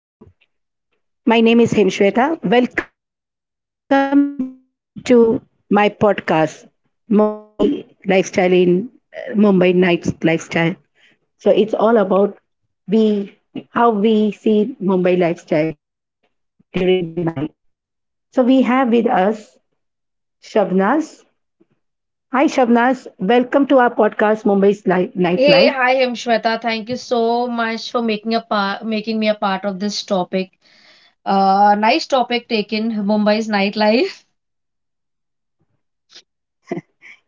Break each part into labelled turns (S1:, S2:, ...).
S1: Hi, good evening to you. My name is Hemshweta. Welcome to my podcast, Mumbai Lifestyle in Mumbai Nights Lifestyle. So it's all about we how we see Mumbai lifestyle during the night. So we have with us Shabnaz. Hi Shabnaz, welcome to our podcast Mumbai's Li- Nightlife.
S2: Hey, hi Himshweta. Thank you so much for making a part, making me a part of this topic. Nice topic taken, Mumbai's nightlife.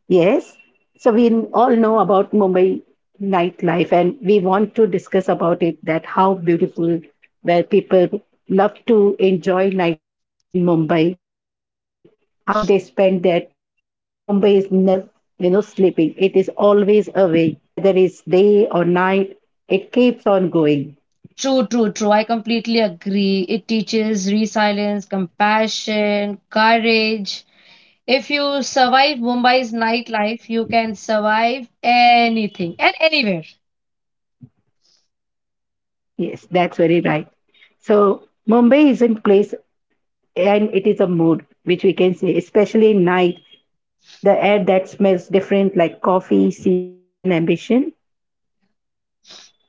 S1: Yes. So we n- all know about Mumbai nightlife, and we want to discuss about it that how beautiful where people love to enjoy nightlife in Mumbai, how they spend their time, and Mumbai is never, you know, sleeping. It is always awake, whether it's day or night, it keeps on going.
S2: True, true, true. I completely agree. It teaches resilience, compassion, courage. If you survive Mumbai's nightlife, you can survive anything and anywhere.
S1: Yes, that's very right. So Mumbai is in place, and it is a mood which we can say, especially night the air that smells different, like coffee, sea breeze, and ambition.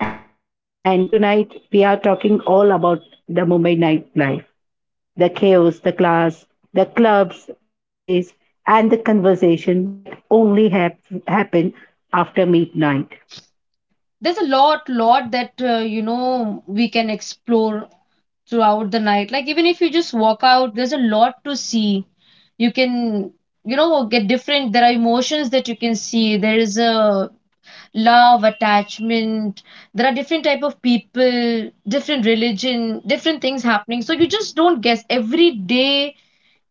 S1: And tonight, we are talking all about the Mumbai nightlife, the chaos, the class, the clubs, the cafes, and the conversation that only happen after midnight.
S2: There's a lot that you know we can explore throughout the night. Like even if you just walk out, there's a lot to see. You can, you know, get different. There are emotions that you can see. There is a love, attachment. There are different type of people, different religion, different things happening. So you just don't guess. Every day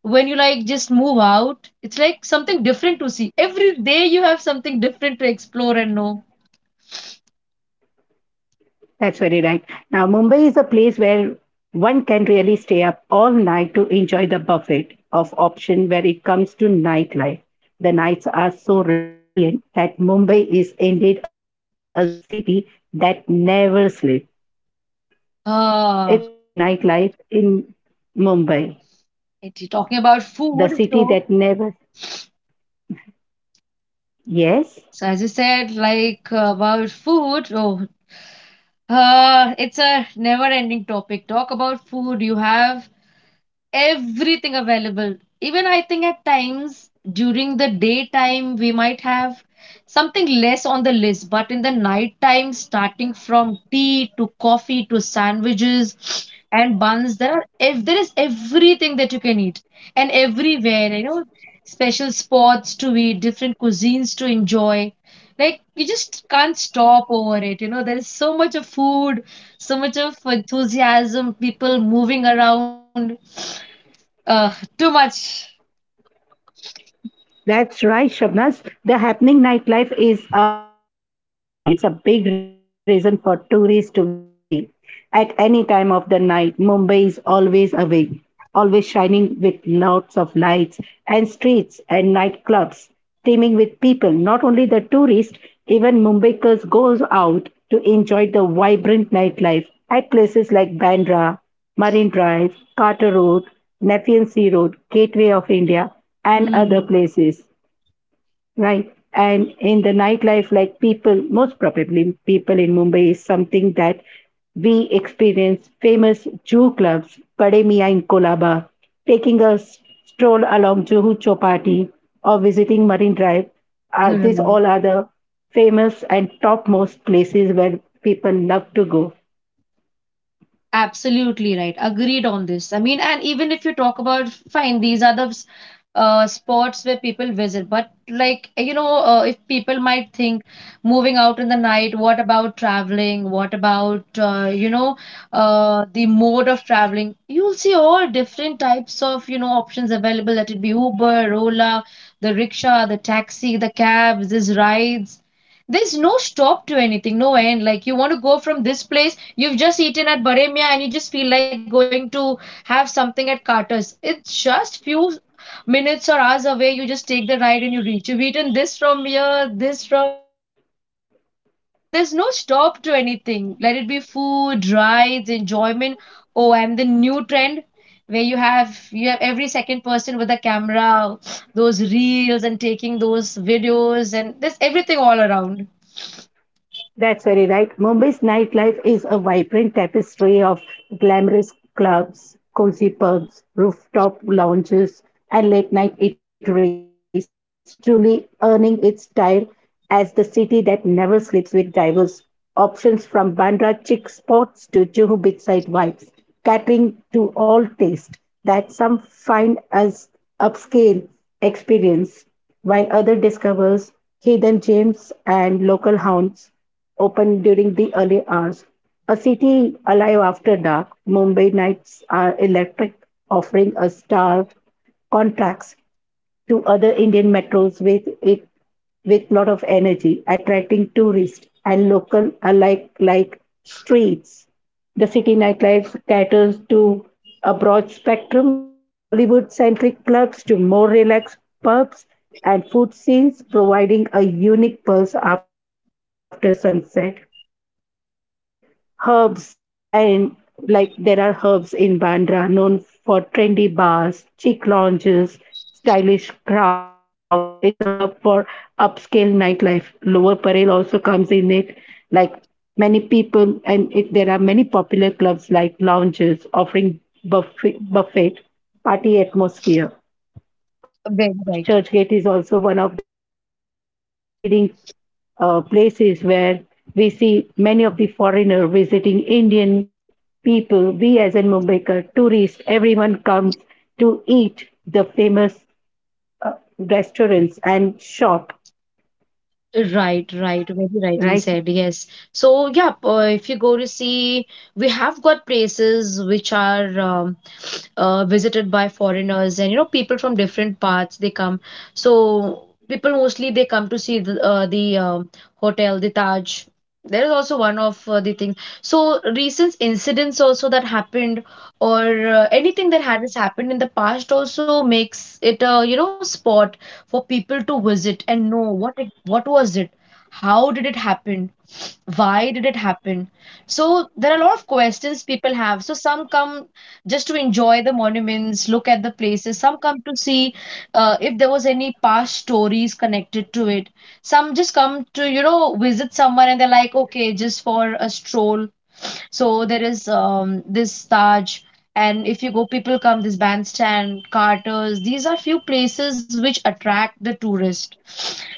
S2: when you like just move out, it's like something different to see. Every day you have something different to explore and know.
S1: That's very right. Now, Mumbai is a place where one can really stay up all night to enjoy the buffet of option where it comes to nightlife. The nights are so radiant that Mumbai is indeed a city that never sleeps. The, it's a journey
S2: Ah,
S1: of nightlife in Mumbai,
S2: talking about
S1: the
S2: food,
S1: city
S2: so
S1: that never. Yes.
S2: So as you said, like about food, it's a never-ending topic. Talk about food. You have everything available. Even I think at times during the daytime we might have something less on the list, but in the nighttime, starting from tea to coffee to sandwiches and buns, there are if there is everything that you can eat and everywhere, you know, special spots to eat, different cuisines to enjoy. Like you just can't stop over it. You know, there is so much of food, so much of enthusiasm, people moving around. Ugh, too much.
S1: That's right, Shabnaz. The happening nightlife is in Mumbai. It's a big reason for tourists to visit this city. At any time of the night, Mumbai is always awake, always shining with lots of lights and streets and nightclubs, teeming with people. Not only the tourists, even Mumbaikers goes out to enjoy the vibrant nightlife at places like Bandra, Marine Drive, Carter Road, Nepean Sea Road, Gateway of India, and other
S2: Hmm.
S1: places. Right. And in the nightlife, like people, most probably people in Mumbai is something that we experience famous Jew clubs, Pade Mia in Kolaba, taking a stroll along Juhu Chopati or visiting Marine Drive.
S2: You're
S1: These
S2: right.
S1: all are the famous and topmost places where people love to go.
S2: Absolutely right. Agreed on this. I mean, and even if you talk about, fine, these are the spots where people visit, but like, you know, if people might think moving out in the night, what about traveling? What about, you know, the mode of traveling? You'll see all different types of, you know, options available. Let it be Uber, Ola, the rickshaw, the taxi, the cabs, these rides. There's no stop to anything, no end. Like you want to go from this place, you've just eaten at Baremia and you just feel like going to have something at Carter's. It's just few minutes or hours away. You just take the ride and you reach. You've eaten this from here, this from that place. So there's no stop to anything. Let it be food, rides, enjoyment. Oh, and the new trend where you have every second person with a camera, those reels and taking those videos and there's everything all around.
S1: That's very right. Mumbai's nightlife is a vibrant tapestry of glamorous clubs, cozy pubs, rooftop lounges, and late night eateries, truly earning its style as the city that never sleeps, with diverse options from Bandra chic spots to Juhu beachside vibes, catering to all taste that some find as upscale experience, while other discovers hidden gems and local haunts open during the early hours. A city alive after dark, Mumbai nights are electric, offering a star contrast to other Indian metros with it with lot of energy, attracting tourists and local alike like streets. The city nightlife caters to a broad spectrum from Bollywood centric clubs to more relaxed pubs and food scenes, providing a unique pulse after sunset. Even like herbs, and like there are herbs in Bandra known for trendy bars, chic lounges, stylish crowd. It's a hub for upscale nightlife. Lower Parel also comes in it, like many people, and it, there are many popular clubs like lounges offering buffet party atmosphere.
S2: Very
S1: Kolaba and
S2: right.
S1: Churchgate is also one of the toughest leading places where we see many of the foreigner visiting Indian people. We as in Mumbaikar, tourists, everyone comes to eat the famous restaurants and shop,
S2: Right, right, very rightly said.
S1: right?
S2: Yes. So, yeah, if you go to see, we have got places which are visited by foreigners and you know people from different parts they come. So people mostly they come to see the hotel, the Taj. There is also one of the things. So recent incidents also that happened or anything that has happened in the past also makes it a you know spot for people to visit and know what it, what was it, how did it happen, why did it happen? So there are a lot of questions people have. So some come just to enjoy the monuments, look at the places, some come to see if there was any past stories connected to it, some just come to you know visit someone and they're like okay, just for a stroll. So there is this Taj, and if you go, people come, this bandstand, Carters. These are few places which attract the tourist.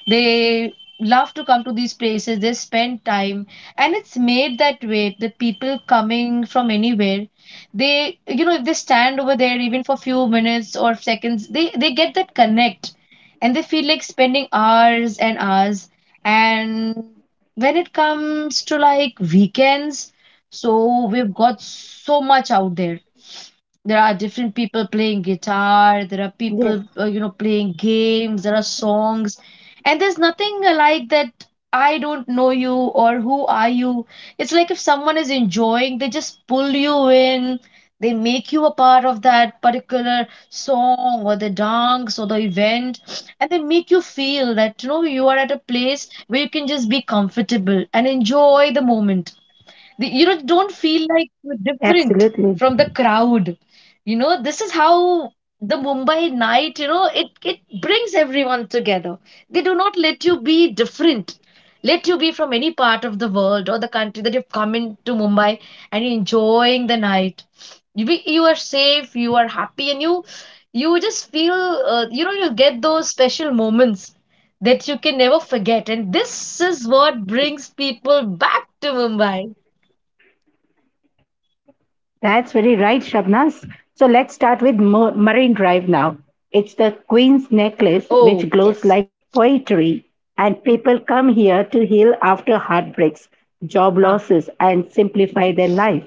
S2: They love to come to these places. They spend time and it's made that way that people coming from anywhere, they you know if they stand over there even for few minutes or seconds, they get that connect and they feel like spending hours and hours. And when it comes to like weekends, so we've got so much out there. There are different people playing guitar, there are
S1: Yes.
S2: people you know playing games, there are songs, and there's nothing like that. I don't know you or who are you. It's like if someone is enjoying they just pull you in, they make you a part of that particular song or the dance or the event, and they make you feel that you know you are at a place where you can just be comfortable and enjoy the moment. You know, don't feel like you're different from the
S1: Absolutely.
S2: crowd. You know, this is how the Mumbai night, you know, it brings everyone together. They do not let you be different. Let you be from any part of the world or the country that you've come into Mumbai and you're enjoying the night. You be, you are safe, you are happy, and you just feel you know you get those special moments that you can never forget, and this is what brings people back to Mumbai.
S1: That's very right, Shabnas. So let's start with Mo- Marine Drive now. It's the Queen's necklace which
S2: Oh,
S1: glows
S2: yes.
S1: like poetry, and people come here to heal after heartbreaks, job
S2: Ah,
S1: losses, and simplify their life.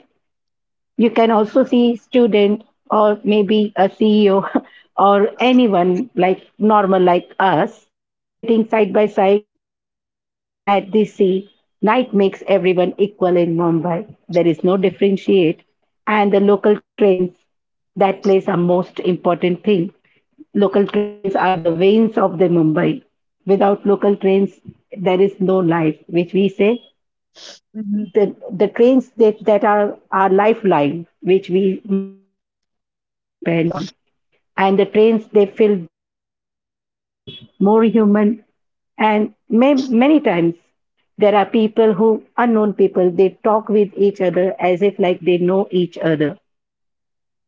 S1: You can also see student or maybe a CEO or anyone like normal like us sitting side by side staring at the sea. Night makes everyone equal in Mumbai. There is no differentiate, and the local trains that plays a most important thing. Local trains are the veins of the Mumbai. Without local trains, there is no life which we say. the
S2: hmm.
S1: the trains that are our lifeline, which we Mumbaikars always depend on. And the trains they feel different, less crowded, more human, and many times there are people who unknown people they talk with each other as if like they know each other.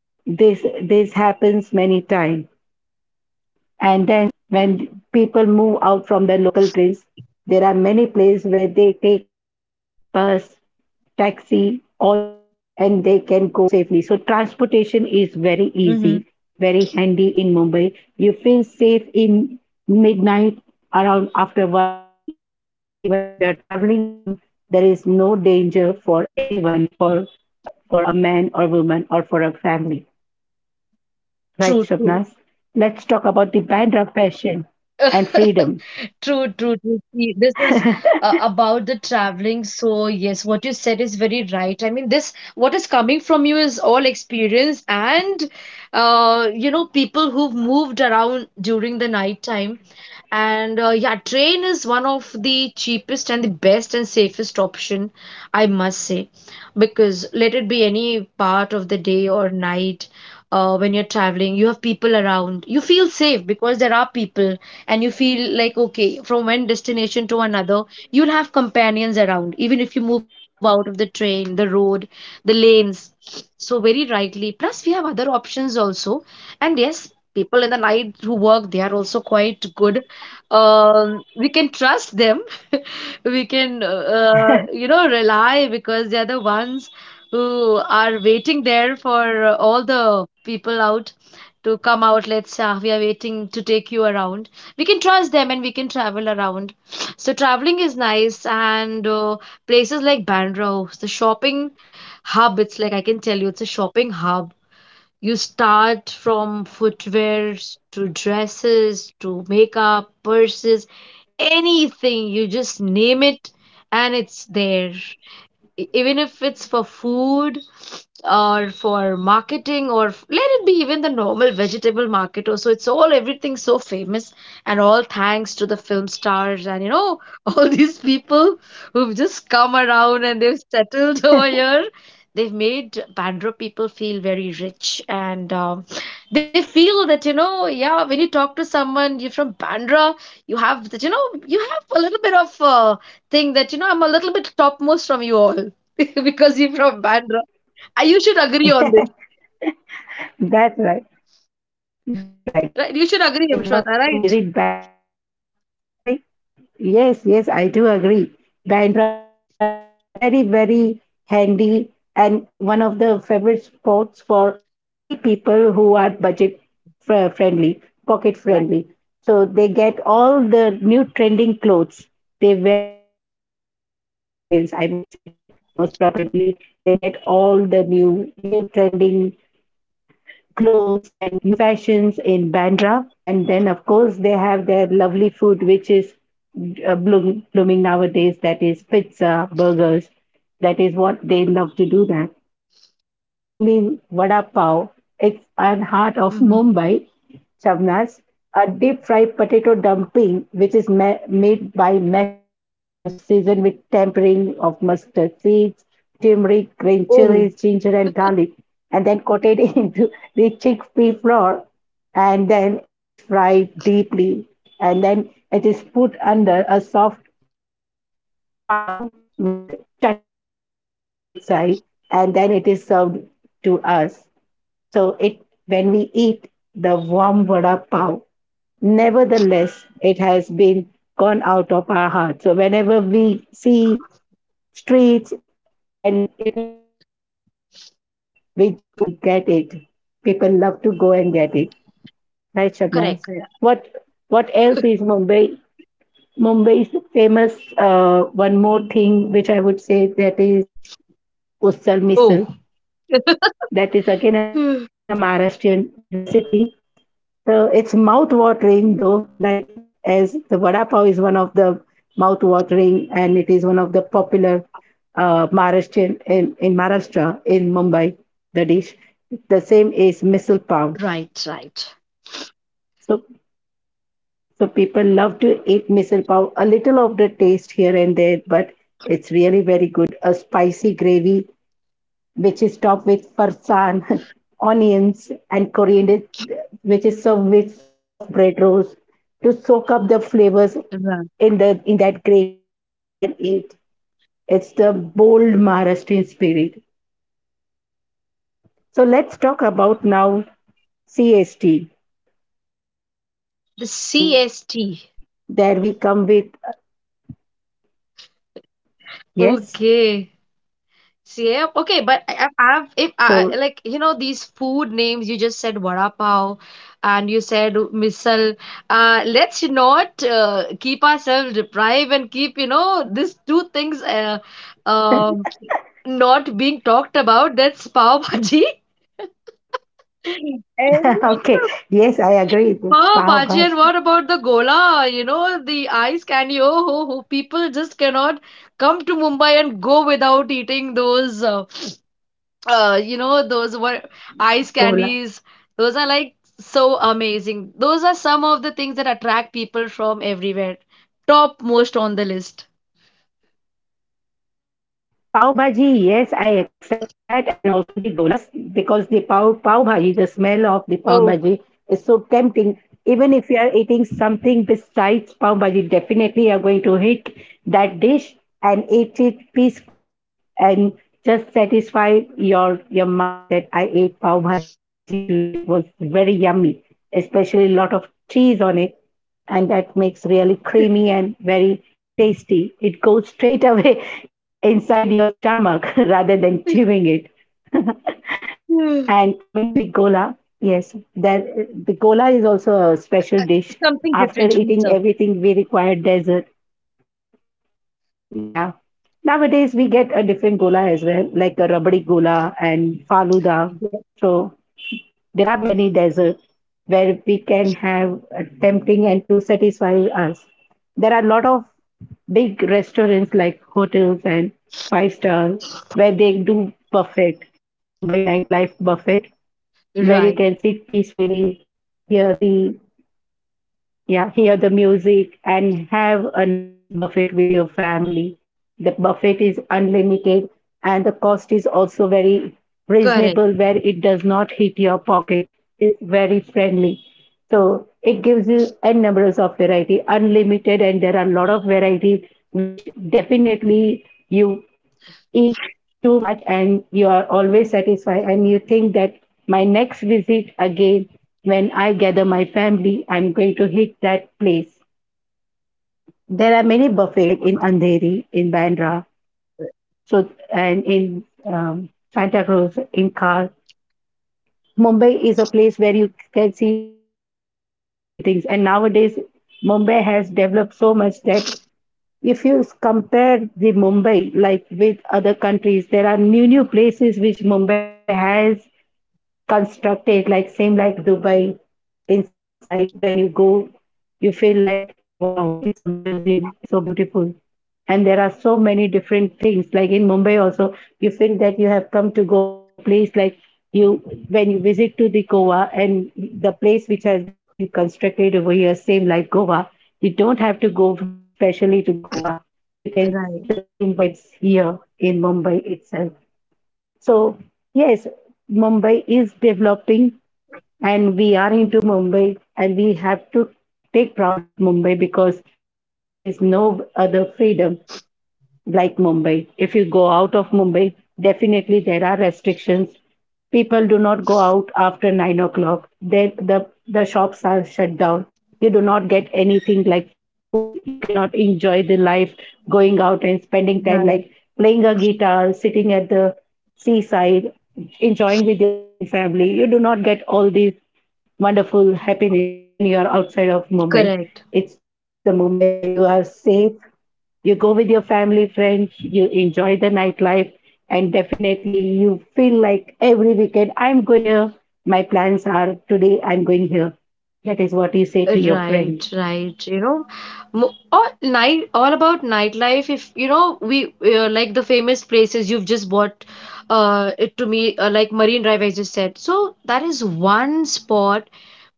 S1: This happens many times, and then when people move out from their local trains, there are many places where they take bus, taxi, auto, and they can go safely. So transportation is very
S2: Hmm.
S1: easy, very handy in Mumbai. You feel safe in midnight, around after one, two, three. Even if you are traveling alone, there is no danger for anyone, for a man or woman, or for a family. Right,
S2: True, true.
S1: Swapnas. Let's talk about the Bandra fashion and freedom.
S2: True, true, true. See, this is about the traveling. So, yes, what you said is very right. I mean, this, what is coming from you is all experience, and you know, people who've moved around during the night time. And yeah, train is one of the cheapest and the best and safest option, I must say, because let it be any part of the day or night, when you're traveling, you have people around. You feel safe because there are people and you feel like okay, from one destination to another you'll have companions around, even if you move out of the train, the road, the lanes. So very rightly, plus we have other options also. And yes, people in the night who work they are also quite good. We can trust them. We can you know rely, because they are the ones who are waiting there for all the people out to come out. Let's we are waiting to take you around. We can trust them and we can travel around. So traveling is nice, and places like Bandra, oh, the shopping hub. It's like I can tell you it's a shopping hub. You start from footwears to dresses to makeup purses, anything you just name it and it's there. Even if it's for food or for marketing or let it be even the normal vegetable market also, it's all everything so famous. And all thanks to the film stars and you know all these people who've just come around and they've settled over here. They've made Bandra people feel very rich, and they feel that you know yeah, when you talk to someone you're from Bandra, you have that you know you have a little bit of thing that you know I'm a little bit topmost from you all because you're from Bandra. You should agree on this,
S1: That's right. That's right. So
S2: right? You should
S1: people they
S2: agree,
S1: love
S2: Vishwata,
S1: to
S2: right?
S1: visit Bandra for street shopping. Yes, yes, I do agree. Bandra is also very popular, very, very handy, and it's one of the favorite sports for many people who are budget friendly, pocket
S2: Right.
S1: friendly. So they get all the new trending clothes. They wear like collegians, I would say that most probably they get all the new trending clothes and new fashions in Bandra. And then, of course, they have their lovely food, which is blooming nowadays. That is pizza, burgers. That is what they love to do. That and most probably vada pav. It's an heart of
S2: Mm-hmm.
S1: Mumbai, Shavnas, a deep fried potato dumpling, which is made by mashed potatoes, seasoned with tempering of mustard seeds, turmeric, green chilies,
S2: Oh,
S1: ginger, and garlic, and then coated into the chickpea flour. And then it is fried deeply, and then it is put under a soft pan with chutneys besides in its side, and then it is served to us. So it when we eat the warm vada pav, nevertheless, it has been gone out of our heart. So whenever we see streets and if we see there is vada pav, we just go and get it. People love to go and get it. Right,
S2: correct.
S1: Shabnaz?
S2: Correct.
S1: What what else is Mumbai? Mumbai's famous one more thing which I would say that is usal
S2: Oh,
S1: misal. That is again a
S2: Hmm.
S1: Maharashtrian recipe. So it's mouth-watering though, like as the vada pav is one of the mouth-watering and it is one of the popular Maharashtrian in Maharashtra in Mumbai, the dish. The same is misal pav.
S2: Right, right.
S1: So so people love to eat misal pav. A little of the taste here and there, but it's really very good. A spicy gravy which is topped with parsan, onions, and coriander, which is served with soft bread rolls to soak up the flavors
S2: Right.
S1: in the in that gravy and eat. It's the bold Maharashtrian spirit. So let's talk about now CST Mumbai.
S2: The
S1: There
S2: CST.
S1: we come with yes.
S2: Okay. See, yeah, okay, but I've if
S1: So
S2: I like you know these food names, you just said vada pav and you said misal. Let's not keep ourselves deprived and keep you know these two things um not being talked about. That's pav bhaji. And
S1: okay, yes, I agree.
S2: pav
S1: Pav
S2: bhaji, and
S1: Bhaji,
S2: what about the gola? You know, the ice candy. Oh, ho, ho. People just cannot come to Mumbai and go without eating those. You know, those were ice
S1: Gola.
S2: candies. Those are like so amazing. Those are some of the things that attract people from everywhere. Top most on the list.
S1: Pav bhaji, yes, I accept that, and also the golas because the pav bhaji, the smell of the pav
S2: Oh,
S1: bhaji is so tempting. Even if you are eating something besides pav bhaji, definitely you are going to hit that dish and eat it peacefully and just satisfy your mind that I ate pav bhaji today and it was very yummy, especially a lot of cheese on it, and that makes really creamy and very tasty. It goes straight away inside your stomach rather than
S2: something
S1: chewing it. And coming to the gola, yes, there the gola is also a special dish. After
S2: different to be
S1: eating
S2: served.
S1: everything, we require dessert. Yeah. Nowadays we get a different gola as well, like a rabdi gola and faluda.
S2: Yeah.
S1: So there are many desserts where we can have tempting and to satisfy us. There are a lot of big restaurants like hotels and five stars where they do buffet, Mumbai nightlife buffet, where you
S2: Right.
S1: can sit peacefully, hear the yeah, hear the music and have a nice buffet with your family. The buffet is unlimited, and the cost is also very
S2: Correct.
S1: reasonable where it does not hit your pocket. It's very friendly. So it gives you n numbers of variety, unlimited, and there are a lot of variety which definitely you eat too much and you are always satisfied and you think that my next visit again when I gather my family I'm going to hit that place. There are many buffets like in Andheri, in Bandra, so and in Santa Cruz, in Kar. Mumbai is a place where you can see lot of different things, and nowadays Mumbai has developed so much that if you compare the Mumbai like with other countries, there are new places which Mumbai has constructed, like same like Dubai. Inside when you go, you feel like wow, it's a museum, it's so beautiful. And there are so many different things, like in Mumbai also you feel that you have come to Goa, one of the place, like you, when you visit to the Goa and the place which has been constructed over here same like Goa, you don't have to go specially to Goa, you can see the
S2: Right.
S1: same vibes here in Mumbai itself. So yes, Mumbai is developing and we are into Mumbai and we have to take proud of Mumbai because like Mumbai, there is no other freedom like Mumbai. If you go out of Mumbai, definitely there are restrictions. People do not go out after 9 o'clock. Then the shops are shut down. You do not get anything like food. You cannot enjoy the life going out and spending time
S2: Right,
S1: like playing a guitar, sitting at the seaside, enjoying with your friends and family. You do not get all these wonderful happiness when you are outside of Mumbai.
S2: correct.
S1: It's the Mumbai where you are safe. You go with your family, friends, you enjoy the nightlife, and definitely you feel like every weekend I'm going here. My plans are today I'm going here. That is what you say to your
S2: Right,
S1: friend.
S2: right. You know, all night, all about nightlife. If you know, we like the famous places you've just bought it to me, like Marine Drive, I just said. So that is one spot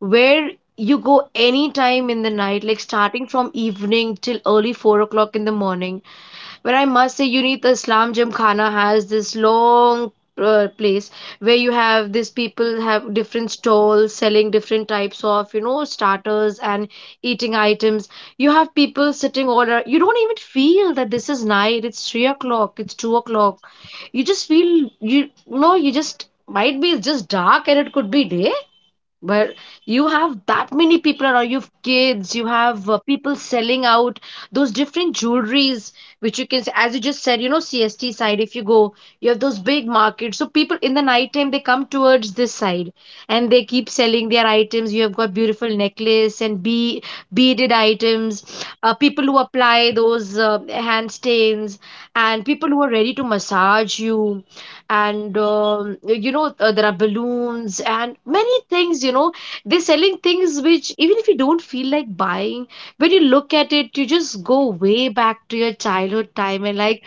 S2: where you go anytime in the night, like starting from evening till early 4 o'clock in the morning. But I must say, you need the Islam Gymkhana has this long place where you have these people have different stalls selling different types of you know starters and eating items. You have people sitting all around. You don't even feel that this is night. It's 3 o'clock. It's 2 o'clock. You just feel you you know You just might be, it's just dark and it could be day where you have that many people around. You have kids, you have people selling out those different jewelries which you can as you just said, you know, CST side if you go, you have those big markets, so people in the night time they come towards this side and they keep selling their items. You have got beautiful necklace and beaded items, people who apply those hand stains, and people who are ready to massage you. And you know, there are balloons and many things, you know, they're selling things which, even if you don't feel like buying, when you look at it, you just go way back to your childhood time, and like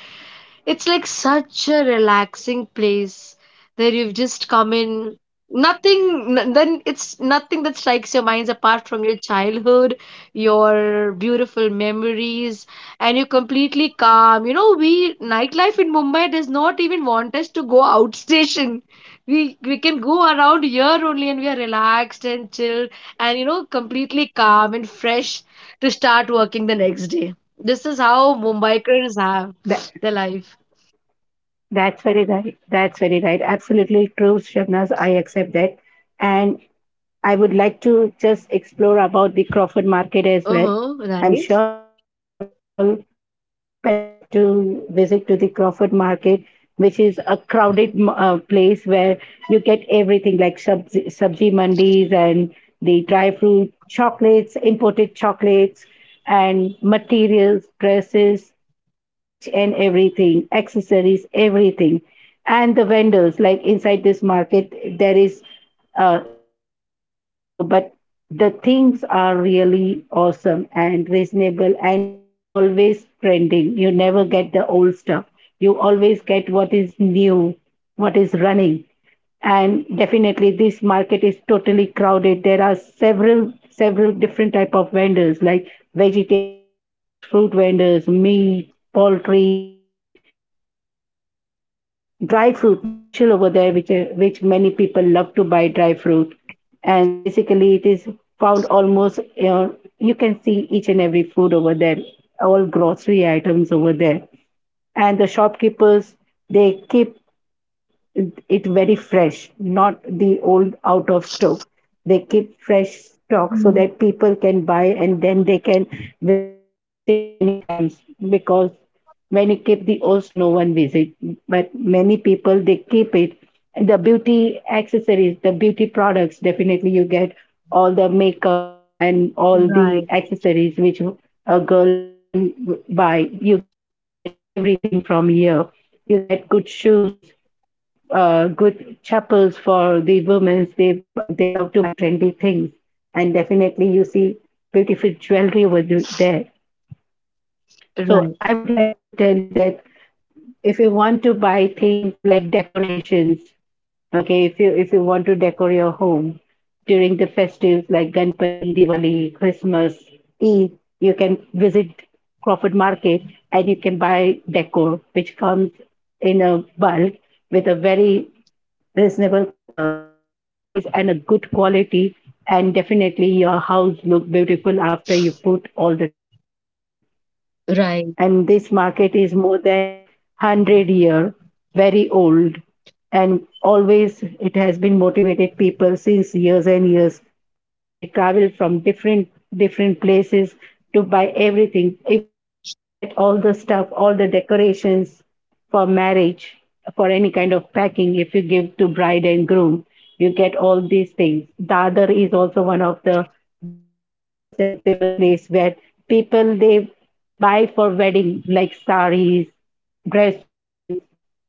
S2: it's like such a relaxing place where you've just come in. Nothing, n- Then it's nothing that strikes your minds apart from your childhood, your beautiful memories, and you're completely calm. You know, we nightlife in Mumbai does not even want us to go out station. We can go around here only, and we are relaxed and chilled, and you know, completely calm and fresh to start working the next day. This is how Mumbaikars have
S1: That,
S2: their life.
S1: that's very right. That's very right. Absolutely true, Shabnaz. I accept that. And I would like to just explore about the Crawford Market as well.
S2: Uh-huh,
S1: I'm
S2: right.
S1: sure we all and people love to visit to the Crawford Market, which is a crowded place where you get everything like sabzi, sabji mandis and the dry fruit, chocolates, imported chocolates, and materials, dresses. You get each and everything, accessories, everything. And the vendors, like inside this market, there is it's a very complicated though, but the things are really awesome and reasonable, and it's always trending. You never get the old stuff. You always get what is new, what is running, and definitely this market is totally crowded. There are several different type of vendors like vegetable vendors, fruit vendors, meat, poultry, utensils, dry fruit, which is a special over there, which many people love to buy dry fruit, and basically it is found almost you know, you can see each and every food over there, all grocery items over there, and the shopkeepers they keep it very fresh, not the old out of stock. They keep fresh stock so
S2: Mhm.
S1: that people can buy and then they can visit many times because when you keep the old stock, no one visit. But many people they keep it. And the beauty accessories, the beauty products, definitely you get all the makeup and all the
S2: Right,
S1: accessories which a girl and woman buy. You get everything from here. You get good shoes, good chapels for the women. They love to buy trendy things, and definitely you see beautiful jewelry over there. So I
S2: right,
S1: would like to tell you that if you want to buy things like decorations, okay, if you want to decorate your home during the festives like Ganpati, Diwali, Christmas, Eid, you can visit Crawford Market and you can buy decor, which comes in a bulk with a very reasonable with a very reasonable price and a good quality, and definitely your house look beautiful after you put all the decoration.
S2: right.
S1: And this market is more than 100 year very old, and always it has been motivated people since years and years. People they travel from different places to buy everything. Even you get all the stuff, all the decorations for marriage, for any kind of packing if you give to bride and groom, you get all these things. Dadar is also one of the best and famous place where people they buy for wedding like saris, dresses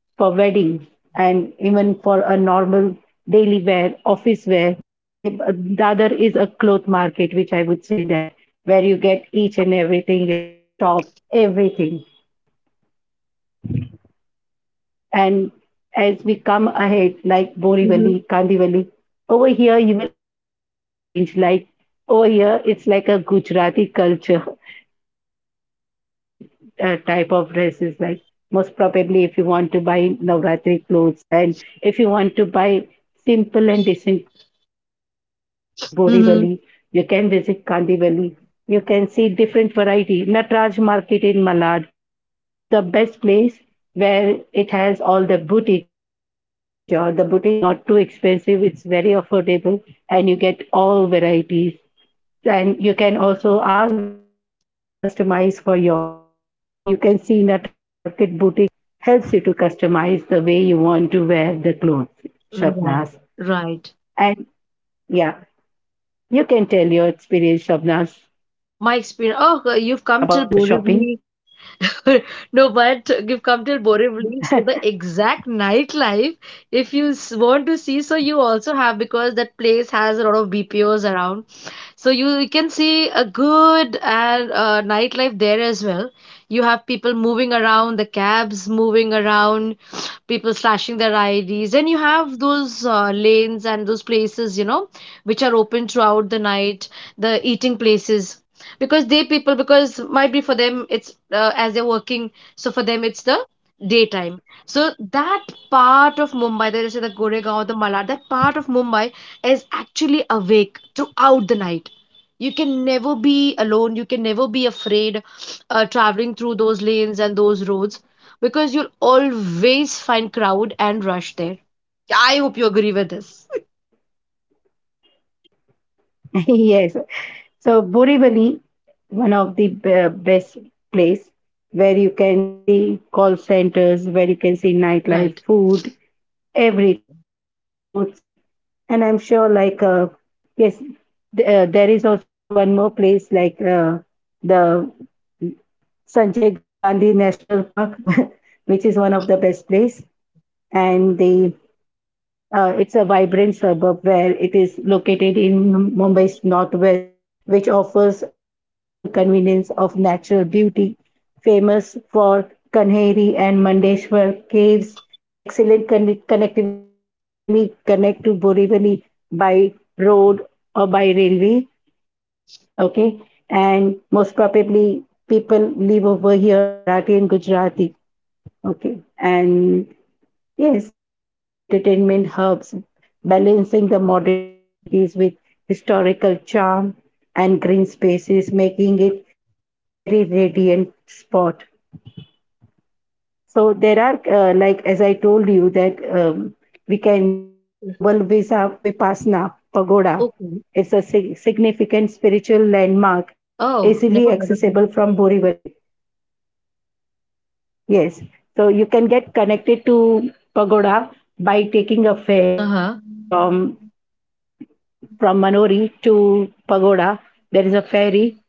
S1: for weddings, and even for a normal daily wear, office wear. They, the other is a cloth market, which I would say that where you get each and everything, your jeans, tops, everything. And as we come ahead, like
S2: Mm-hmm.
S1: Borivali, Kandivali, over here you will get a different range. Like over here, it's like a Gujarati culture where you get a different type of dresses. Like most probably, if you want to buy Navratri clothes and if you want to buy simple and decent clothes, you can go to
S2: Mm-hmm.
S1: Borivali, you can visit Kandivali, you can see different variety. Natraj Market in Malad, one of the best place where it has all the boutiques. I'm sure the boutiques is not too expensive. It's very affordable and you get all varieties. And you can also ask them to customize for yourself. So you can see Nataraj Market Boutique helps you to customize the way you want to wear the clothes,
S2: Mm,
S1: Shabnaz.
S2: right, right.
S1: And yeah, you can tell your experience, Shabnaz,
S2: My experience. Oh,
S1: about the
S2: you've come
S1: shopping.
S2: till Borivali. No, but you've come till Borivali. So the exact nightlife, if you want to see, so you also have, because that place has a lot of BPOs around. So you can see a good and nightlife there as well. You have people moving around, the cabs moving around, people slashing their IDs. And you have those lanes and those places, you know, which are open throughout the night, the eating places. Because they people, because might be for them, it's as they're working, so for them it's the daytime. So that part of Mumbai, there is the Goregaon, the Malad, that part of Mumbai is actually awake throughout the night. You can never be alone. You can never be afraid traveling through those lanes and those roads because you'll always find crowd and rush there. I hope you agree with this.
S1: Yes, so Borivali, one of the best place where you can see call centers, where you can see nightlife,
S2: Right.
S1: food, everything, clothes, and I'm sure like yes, there is also one more place like the Sanjay Gandhi National Park, which is one of the best place. And the it's a vibrant suburb where it is located in Mumbai's northwest, which offers a blend of urban convenience of natural beauty, famous for Kanheri and Mandeshwar caves, excellent connectivity. You can easily connect to Borivali by road or by railway. Okay, and most probably people live over here are Marathi and Gujarati. Okay, and yes, there are a lot of entertainment hubs balancing the modern amenities with historical charm and green spaces, making it very radiant spot. So there are like as I told you that we can see
S2: Mm.
S1: global Visa Vipassana Pagoda.
S2: Okay.
S1: It's a significant spiritual landmark,
S2: Oh,
S1: easily
S2: never heard of
S1: accessible
S2: it.
S1: from Borivali. Yes, so you can get connected to Pagoda by taking a ferry
S2: Uh-huh.
S1: from from Manori to Pagoda, there is a ferry,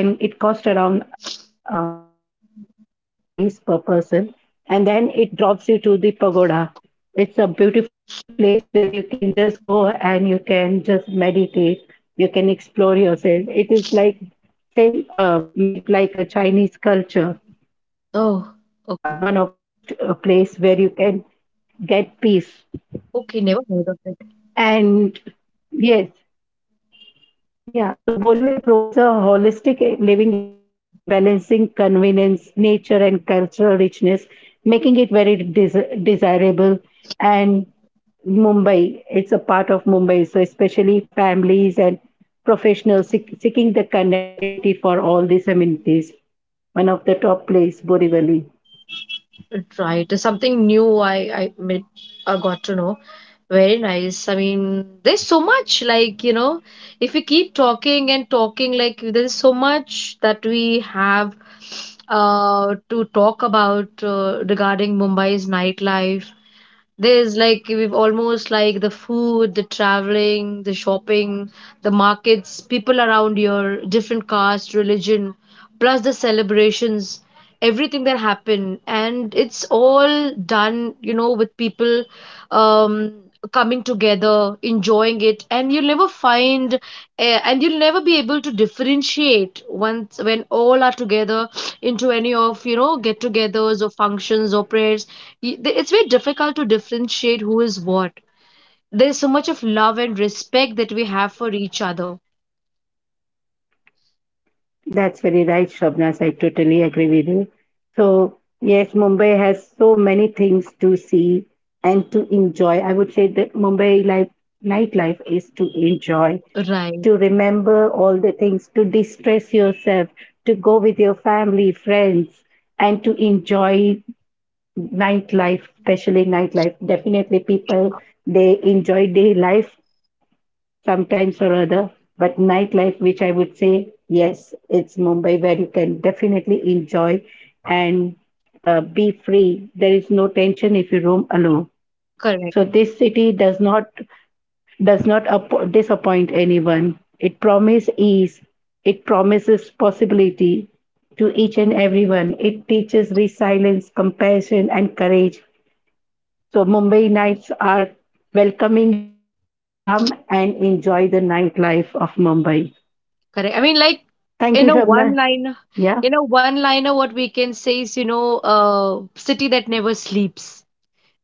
S1: and it costs around 20 or 30 rupees per person. And then it drops you to the pagoda. It's a beautiful place where you can just go and you can just meditate. You can explore yourself. It is like same made like a Chinese culture
S2: Oh,
S1: pagoda, one
S2: okay.
S1: of the best place where you can get peace.
S2: Okay, never heard of it.
S1: And yes, yeah, so Borivali provides a holistic living experience, balancing convenience, nature, and cultural richness, making it very desirable. And Mumbai, it's a part of Mumbai, so especially for families and professionals seeking the connectivity for all these amenities. One of the top place, Borivali.
S2: Right, something new I, may- I got to know. Very nice. I mean, there's so much, like, you know, if we keep talking and talking, like there's so much that we have to talk about regarding Mumbai's nightlife. There's like we've almost like the food, the traveling, the shopping, the markets, people around here, different caste, religion, plus the celebrations, everything that happened, and it's all done, you know, with people um, coming together, enjoying it, and you'll never find, and you'll never be able to differentiate once when all are together into any of you know get-togethers or functions or prayers it's very difficult to differentiate who is what. There's so much of love and respect that we have for each other.
S1: That's very right, Shobnas. I totally agree with you. So, yes, Mumbai has so many things to see and to enjoy. I would say that Mumbai life, nightlife is to enjoy,
S2: Right.
S1: to remember all the things, to distress yourself, to go with your family, friends, and to enjoy nightlife, especially nightlife. Definitely, people they enjoy day life sometimes or other. But nightlife, which I would say, yes, it's Mumbai where you can definitely enjoy and be free. There is no tension if you roam alone.
S2: Correct.
S1: So this city does not disappoint anyone. It promises ease. It promises possibility to each and everyone. It teaches resilience, compassion, and courage. So Mumbai nights are welcoming you. Come and enjoy the nightlife of Mumbai.
S2: Correct. I mean, like,
S1: Thank you,
S2: in a one
S1: Shabna.
S2: liner,
S1: Yeah,
S2: in a one liner, what we can say is, you know, city that never sleeps.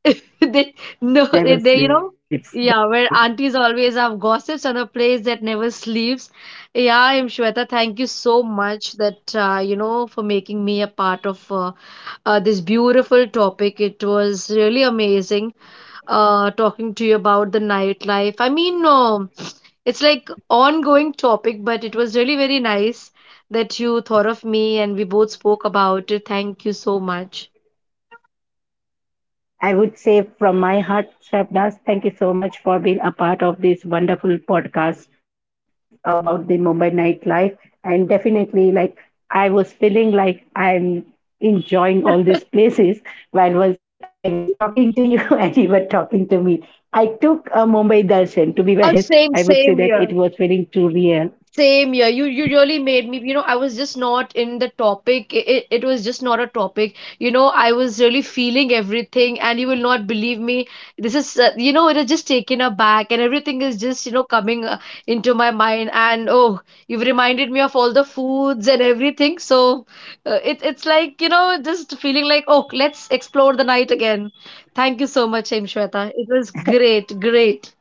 S2: They, no,
S1: it never
S2: they, you know,
S1: sleeps.
S2: yeah, where aunties always have gossips on a place that never sleeps. Yeah, I'm Shweta. Thank you so much that you know, for making me a part of this beautiful topic. It was really amazing talking to you about the nightlife. I mean, it's like ongoing topic, but it was really very nice that you thought of me and we both spoke about it. Thank you so much.
S1: I would say from my heart, Shabdas, thank you so much for being a part of this wonderful podcast about the Mumbai nightlife. And definitely, like I was feeling like I'm enjoying all these places while was I was talking to you and you were talking to me. I took a Mumbai darshan. To be very
S2: Oh,
S1: honest,
S2: same,
S1: I would
S2: same
S1: say that
S2: here.
S1: it was feeling too real.
S2: Same Yeah, you really made me, you know, I was just not in the topic. It was just not a topic. You know, I was really feeling everything, and you will not believe me. This is, you know, it is just taken aback, and everything is just, you know, coming into my mind. And oh, you've reminded me of all the foods and everything. So it's like, you know, just feeling like, oh, let's explore the night again. Thank you so much, Aim Shweta. It was great, great.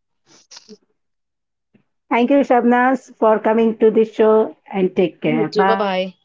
S1: Thank you, Shabnas, for coming to the show and take care.
S2: You too. Bye
S1: Bye.
S2: bye.